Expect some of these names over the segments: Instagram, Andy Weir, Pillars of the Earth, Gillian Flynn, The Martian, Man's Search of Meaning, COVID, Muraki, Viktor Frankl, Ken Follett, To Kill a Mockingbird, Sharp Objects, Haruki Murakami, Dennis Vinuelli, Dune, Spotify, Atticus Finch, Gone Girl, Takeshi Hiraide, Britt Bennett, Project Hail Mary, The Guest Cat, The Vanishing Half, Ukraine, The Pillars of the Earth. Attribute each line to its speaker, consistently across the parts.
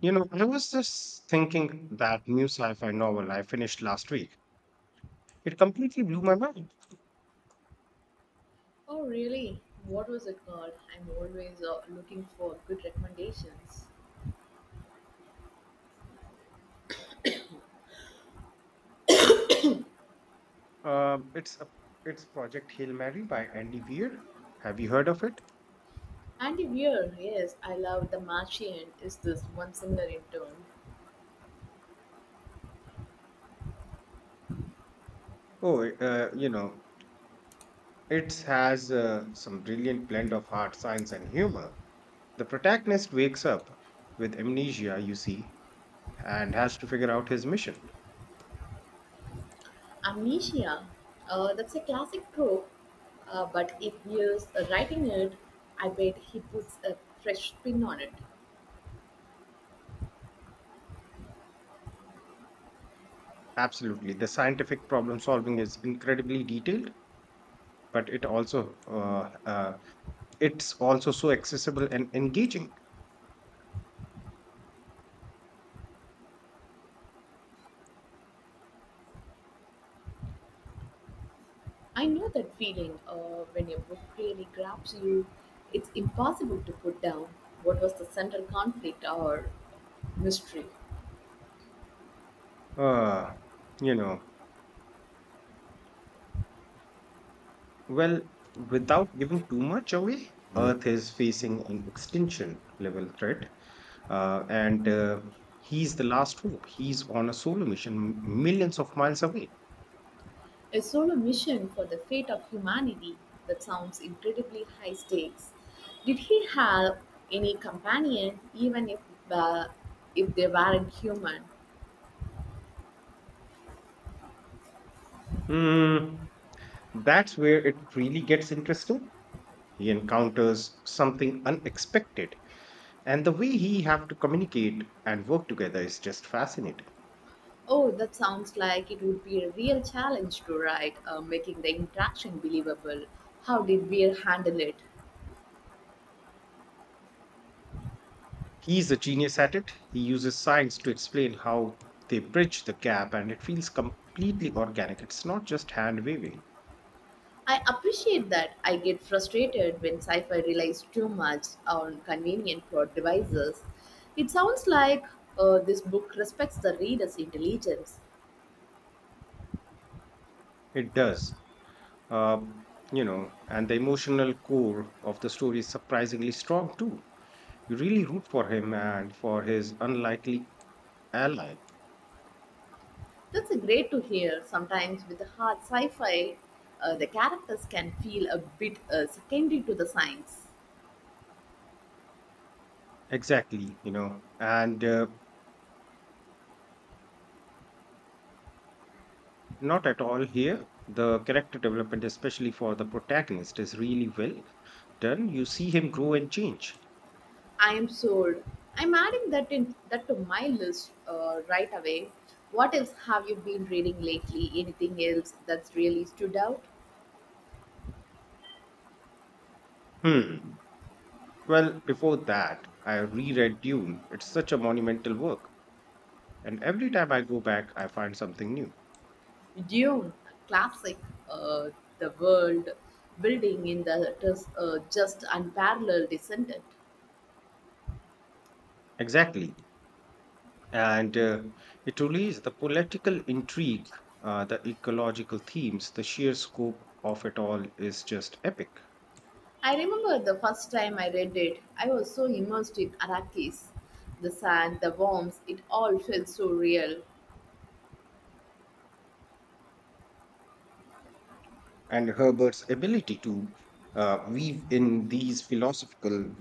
Speaker 1: You know, I was just thinking that new sci-fi novel I finished last week. It completely blew my mind.
Speaker 2: Oh, really? What was it called? I'm always looking for good recommendations.
Speaker 1: Um, it's a, it's Project Hail Mary by Andy Weir. Have you heard of it?
Speaker 2: Andy Weir, yes, I love The Martian. Is this one similar in tone?
Speaker 1: Oh, uh, you know, it has some brilliant blend of hard science, and humor. The protagonist wakes up with amnesia, you see, and has to figure out his mission.
Speaker 2: Amnesia, that's a classic trope, but if Weir's writing it, I bet he puts a fresh spin on it.
Speaker 1: Absolutely, the scientific problem solving is incredibly detailed, but it's also so accessible and engaging.
Speaker 2: I know that feeling when a book really grabs you, it's impossible to put down. What was the central conflict or mystery?
Speaker 1: uh you know well Without giving too much away, earth is facing an extinction level threat, and he's the last hope. He's on a solo mission millions of miles away.
Speaker 2: A solo mission for the fate of humanity, that sounds incredibly high stakes. Did he have any companion, even uh, if they weren't human?
Speaker 1: Hmm, that's where it really gets interesting. He encounters something unexpected. And the way he have to communicate and work together is just fascinating.
Speaker 2: Oh, that sounds like it would be a real challenge to write, making the interaction believable. How did Weir handle it?
Speaker 1: He's a genius at it. He uses science to explain how they bridge the gap, and it feels completely organic. It's not just hand waving.
Speaker 2: I appreciate that. I get frustrated when sci fi relies too much on convenient plot devices. It sounds like this book respects the reader's intelligence.
Speaker 1: It does. Um, you know, and the emotional core of the story is surprisingly strong too. You really root for him and for his unlikely ally.
Speaker 2: That's a great to hear. Sometimes with the hard sci-fi, the characters can feel a bit secondary to the science.
Speaker 1: Exactly, you know, and not at all here. The character development, especially for the protagonist, is really well done. You see him grow and change.
Speaker 2: I am sold. I'm adding that to my list right away. What else have you been reading lately? Anything else that's really stood out?
Speaker 1: Hmm. Well, before that, I reread Dune. It's such a monumental work, and every time I go back, I find something new.
Speaker 2: Dune, classic. Uh, the world building in the it is, just unparalleled, isn't it?
Speaker 1: Exactly. And it relays the political intrigue, the ecological themes, the sheer scope of it all is just epic.
Speaker 2: I remember the first time I read it. I was so immersed in Araki's, the sand, the worms, it all felt so real.
Speaker 1: And Herbert's ability to weave in these philosophical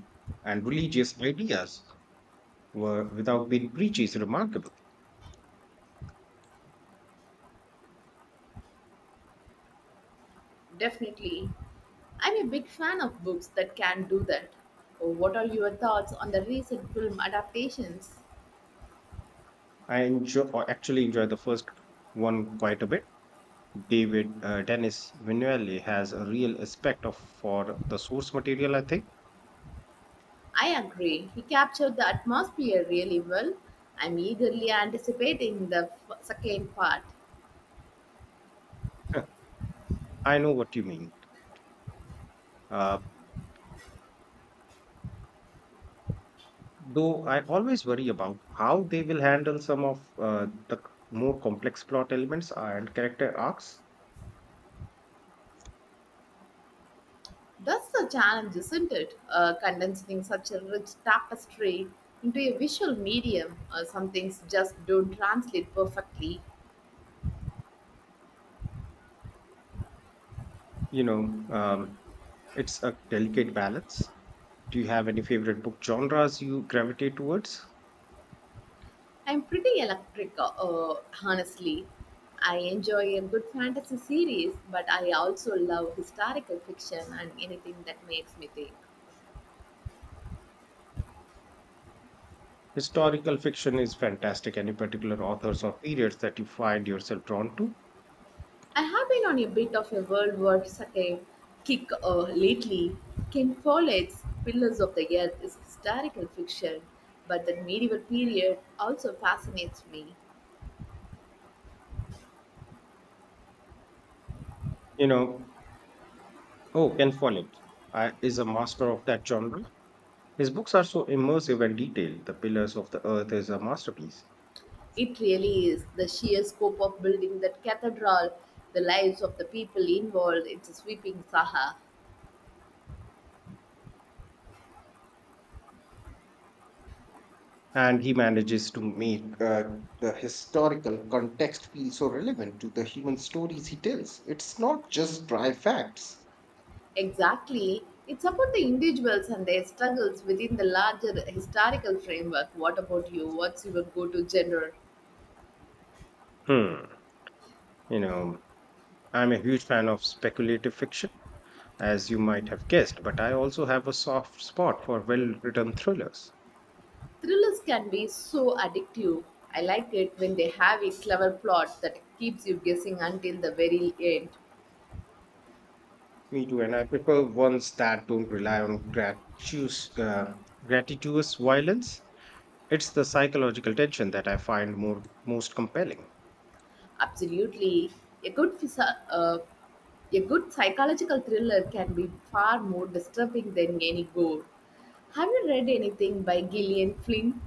Speaker 1: and religious ideas were, without being preachy is remarkable.
Speaker 2: Definitely. I'm a big fan of books that can do that. Oh, what are your thoughts on the recent film adaptations?
Speaker 1: I enjoy or actually enjoy the first one quite a bit. David Dennis Vinuelli has a real respect of for the source material, I think.
Speaker 2: I agree. He captured the atmosphere really well. I'm eagerly anticipating the second part.
Speaker 1: Huh, I know what you mean. Uh, though I always worry about how they will handle some of more complex plot elements and character arcs.
Speaker 2: That's the challenge, isn't it? Condensing such a rich tapestry into a visual medium. Some things just don't translate perfectly.
Speaker 1: You know, um, it's a delicate balance. Do you have any favorite book genres you gravitate towards?
Speaker 2: I'm pretty electric, honestly. I enjoy a good fantasy series, but I also love historical fiction and anything that makes me think.
Speaker 1: Historical fiction is fantastic. Any particular authors or periods that you find yourself drawn to?
Speaker 2: I have been on a bit of a World War II kick lately. Ken Follett's Pillars of the Earth is historical fiction, but the medieval period also fascinates me.
Speaker 1: You know, oh, Ken Follett is a master of that genre. His books are so immersive and detailed. The Pillars of the Earth is a masterpiece.
Speaker 2: It really is the sheer scope of building that cathedral, the lives of the people involved, it's a sweeping saga.
Speaker 1: And he manages to make the historical context feel so relevant to the human stories he tells. It's not just dry facts.
Speaker 2: Exactly. It's about the individuals and their struggles within the larger historical framework. What about you? What's your go to genre?
Speaker 1: Hmm. You know, I'm a huge fan of speculative fiction, as you might have guessed, but I also have a soft spot for well written thrillers.
Speaker 2: Thrillers can be so addictive. I like it when they have a clever plot that keeps you guessing until the very end.
Speaker 1: Me too, and I prefer ones that don't rely on gratuitous violence. It's the psychological tension that I find most compelling.
Speaker 2: Absolutely. A a good psychological thriller can be far more disturbing than any gore. Have you read anything by Gillian Flynn?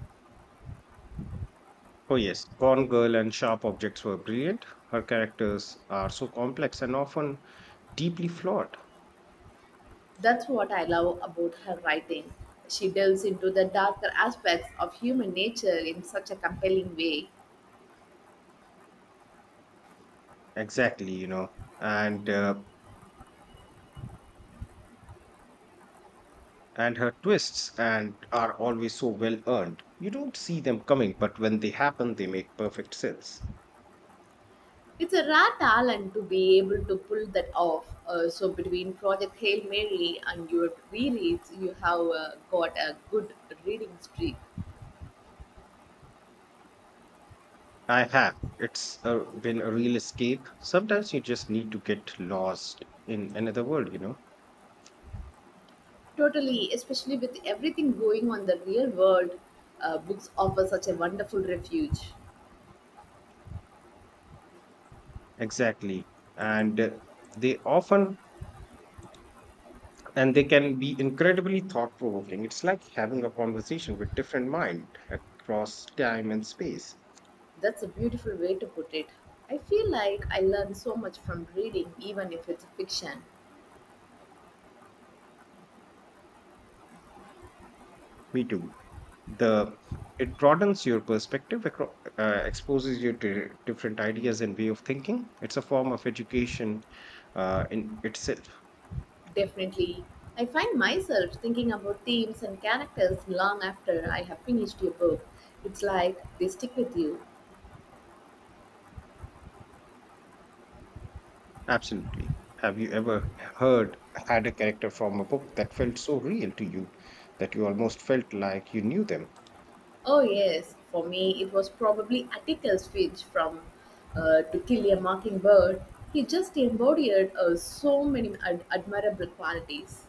Speaker 1: Oh, yes, Gone Girl and Sharp Objects were brilliant. Her characters are so complex and often deeply flawed.
Speaker 2: That's what I love about her writing. She delves into the darker aspects of human nature in such a compelling way.
Speaker 1: Exactly, you know. And uh, and her twists and are always so well earned. You don't see them coming, but when they happen, they make perfect sense.
Speaker 2: It's a rare talent to be able to pull that off. So between Project Hail Mary and your rereads, you have got a good reading streak.
Speaker 1: I have. It's been a real escape. Sometimes you just need to get lost in another world, you know?
Speaker 2: Totally, especially with everything going on in the real world, books offer such a wonderful refuge.
Speaker 1: Exactly. And they often, and they can be incredibly thought provoking. It's like having a conversation with different mind across time and space.
Speaker 2: That's a beautiful way to put it. I feel like I learn so much from reading, even if it's fiction.
Speaker 1: We do. The It broadens your perspective, exposes you to different ideas and way of thinking. It's a form of education, in itself.
Speaker 2: Definitely. I find myself thinking about themes and characters long after I have finished your book. It's like they stick with you.
Speaker 1: Absolutely. Have you ever heard had a character from a book that felt so real to you that you almost felt like you knew them?
Speaker 2: Oh, yes, for me, it was probably Atticus Finch from To Kill a Mockingbird. He just embodied so many admirable qualities.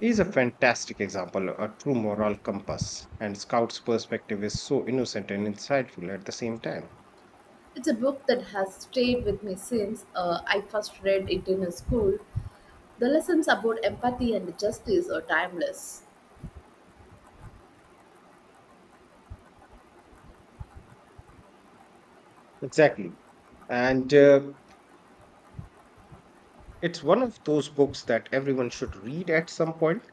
Speaker 1: Is a fantastic example, a true moral compass, and Scout's perspective is so innocent and insightful at the same time.
Speaker 2: It's a book that has stayed with me since I first read it in a school. The lessons about empathy and justice are timeless.
Speaker 1: Exactly. And it's one of those books that everyone should read at some point.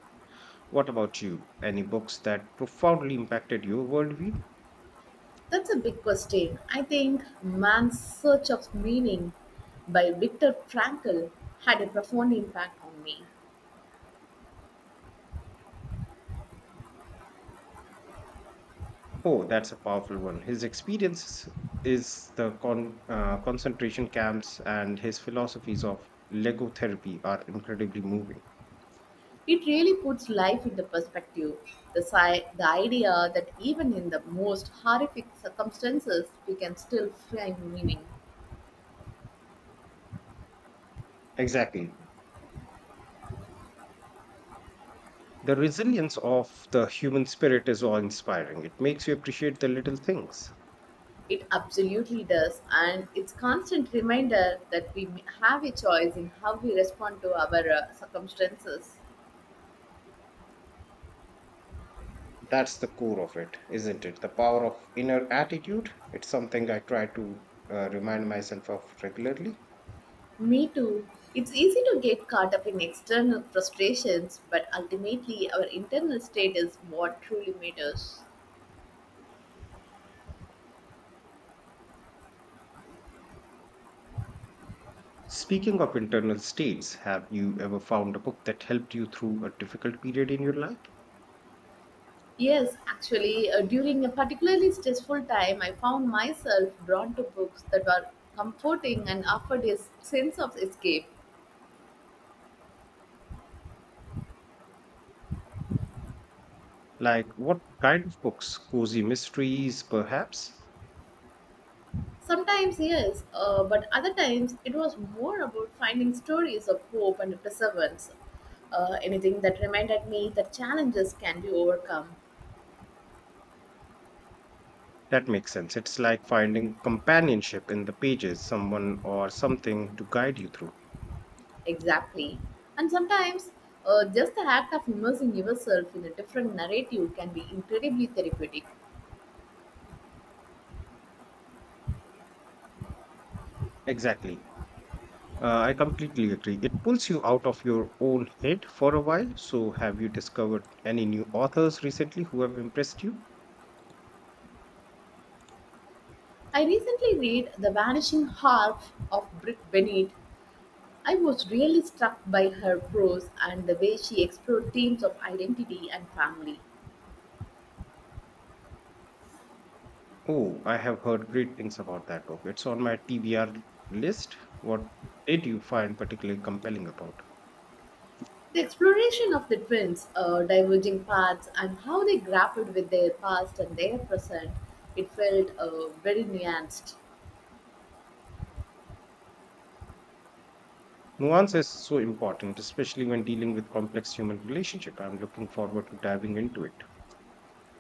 Speaker 1: What about you? Any books that profoundly impacted your worldview?
Speaker 2: That's a big question. I think Man's Search of Meaning by Viktor Frankl had a profound impact on me.
Speaker 1: Oh, that's a powerful one. His experience is the concentration camps and his philosophies of Lego therapy are incredibly moving.
Speaker 2: It really puts life into perspective. The idea that even in the most horrific circumstances, we can still find meaning.
Speaker 1: Exactly. The resilience of the human spirit is awe inspiring. It makes you appreciate the little things.
Speaker 2: It absolutely does, and it's constant reminder that we have a choice in how we respond to our circumstances.
Speaker 1: That's the core of it, isn't it? The power of inner attitude. It's something I try to remind myself of regularly.
Speaker 2: Me too. It's easy to get caught up in external frustrations, but ultimately, our internal state is what truly matters.
Speaker 1: Speaking of internal states, have you ever found a book that helped you through a difficult period in your life?
Speaker 2: Yes, actually, during a particularly stressful time, I found myself drawn to books that were comforting and offered a sense of escape.
Speaker 1: Like what kind of books? Cozy mysteries, perhaps?
Speaker 2: Sometimes, yes, but other times, it was more about finding stories of hope and perseverance. Anything that reminded me that challenges can be overcome.
Speaker 1: That makes sense. It's like finding companionship in the pages, someone or something to guide you through.
Speaker 2: Exactly. And sometimes just the act of immersing yourself in a different narrative can be incredibly therapeutic.
Speaker 1: Exactly. I completely agree. It pulls you out of your own head for a while. So, have you discovered any new authors recently who have impressed you?
Speaker 2: I recently read The Vanishing Half of Britt Bennett. I was really struck by her prose and the way she explored themes of identity and family.
Speaker 1: Oh, I have heard great things about that book. It's on my TBR list. What did you find particularly compelling about?
Speaker 2: The exploration of the twins' diverging paths and how they grappled with their past and their present, it felt very nuanced.
Speaker 1: Nuance is so important, especially when dealing with complex human relationship. I'm looking forward to diving into it.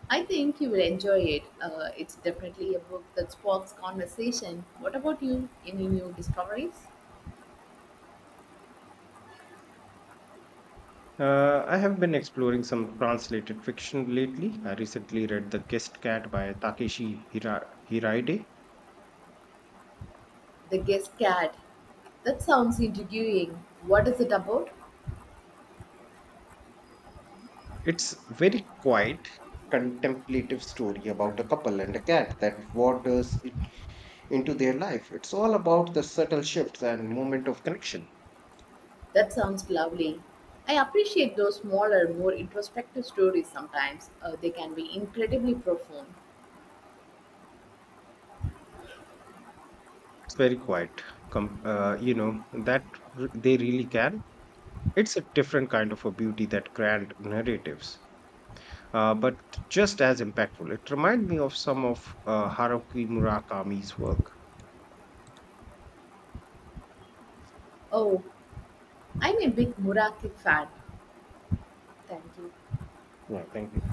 Speaker 2: I think you will enjoy it. It's definitely a book that sparks conversation. What about you? Any new discoveries?
Speaker 1: I have been exploring some translated fiction lately. I recently read The Guest Cat by Takeshi Hiraide.
Speaker 2: The Guest Cat. That sounds intriguing. What is it about?
Speaker 1: It's very quiet, contemplative story about a couple and a cat that wanders it into their life. It's all about the subtle shifts and moment of connection.
Speaker 2: That sounds lovely. I appreciate those smaller, more introspective stories sometimes. They can be incredibly profound.
Speaker 1: It's very quiet. Com- uh, you know that they really can. It's a different kind of a beauty that grand narratives, but just as impactful. It reminded me of some of Haruki Murakami's work.
Speaker 2: Oh, I'm a big Muraki fan. Thank you.
Speaker 1: Yeah, thank you.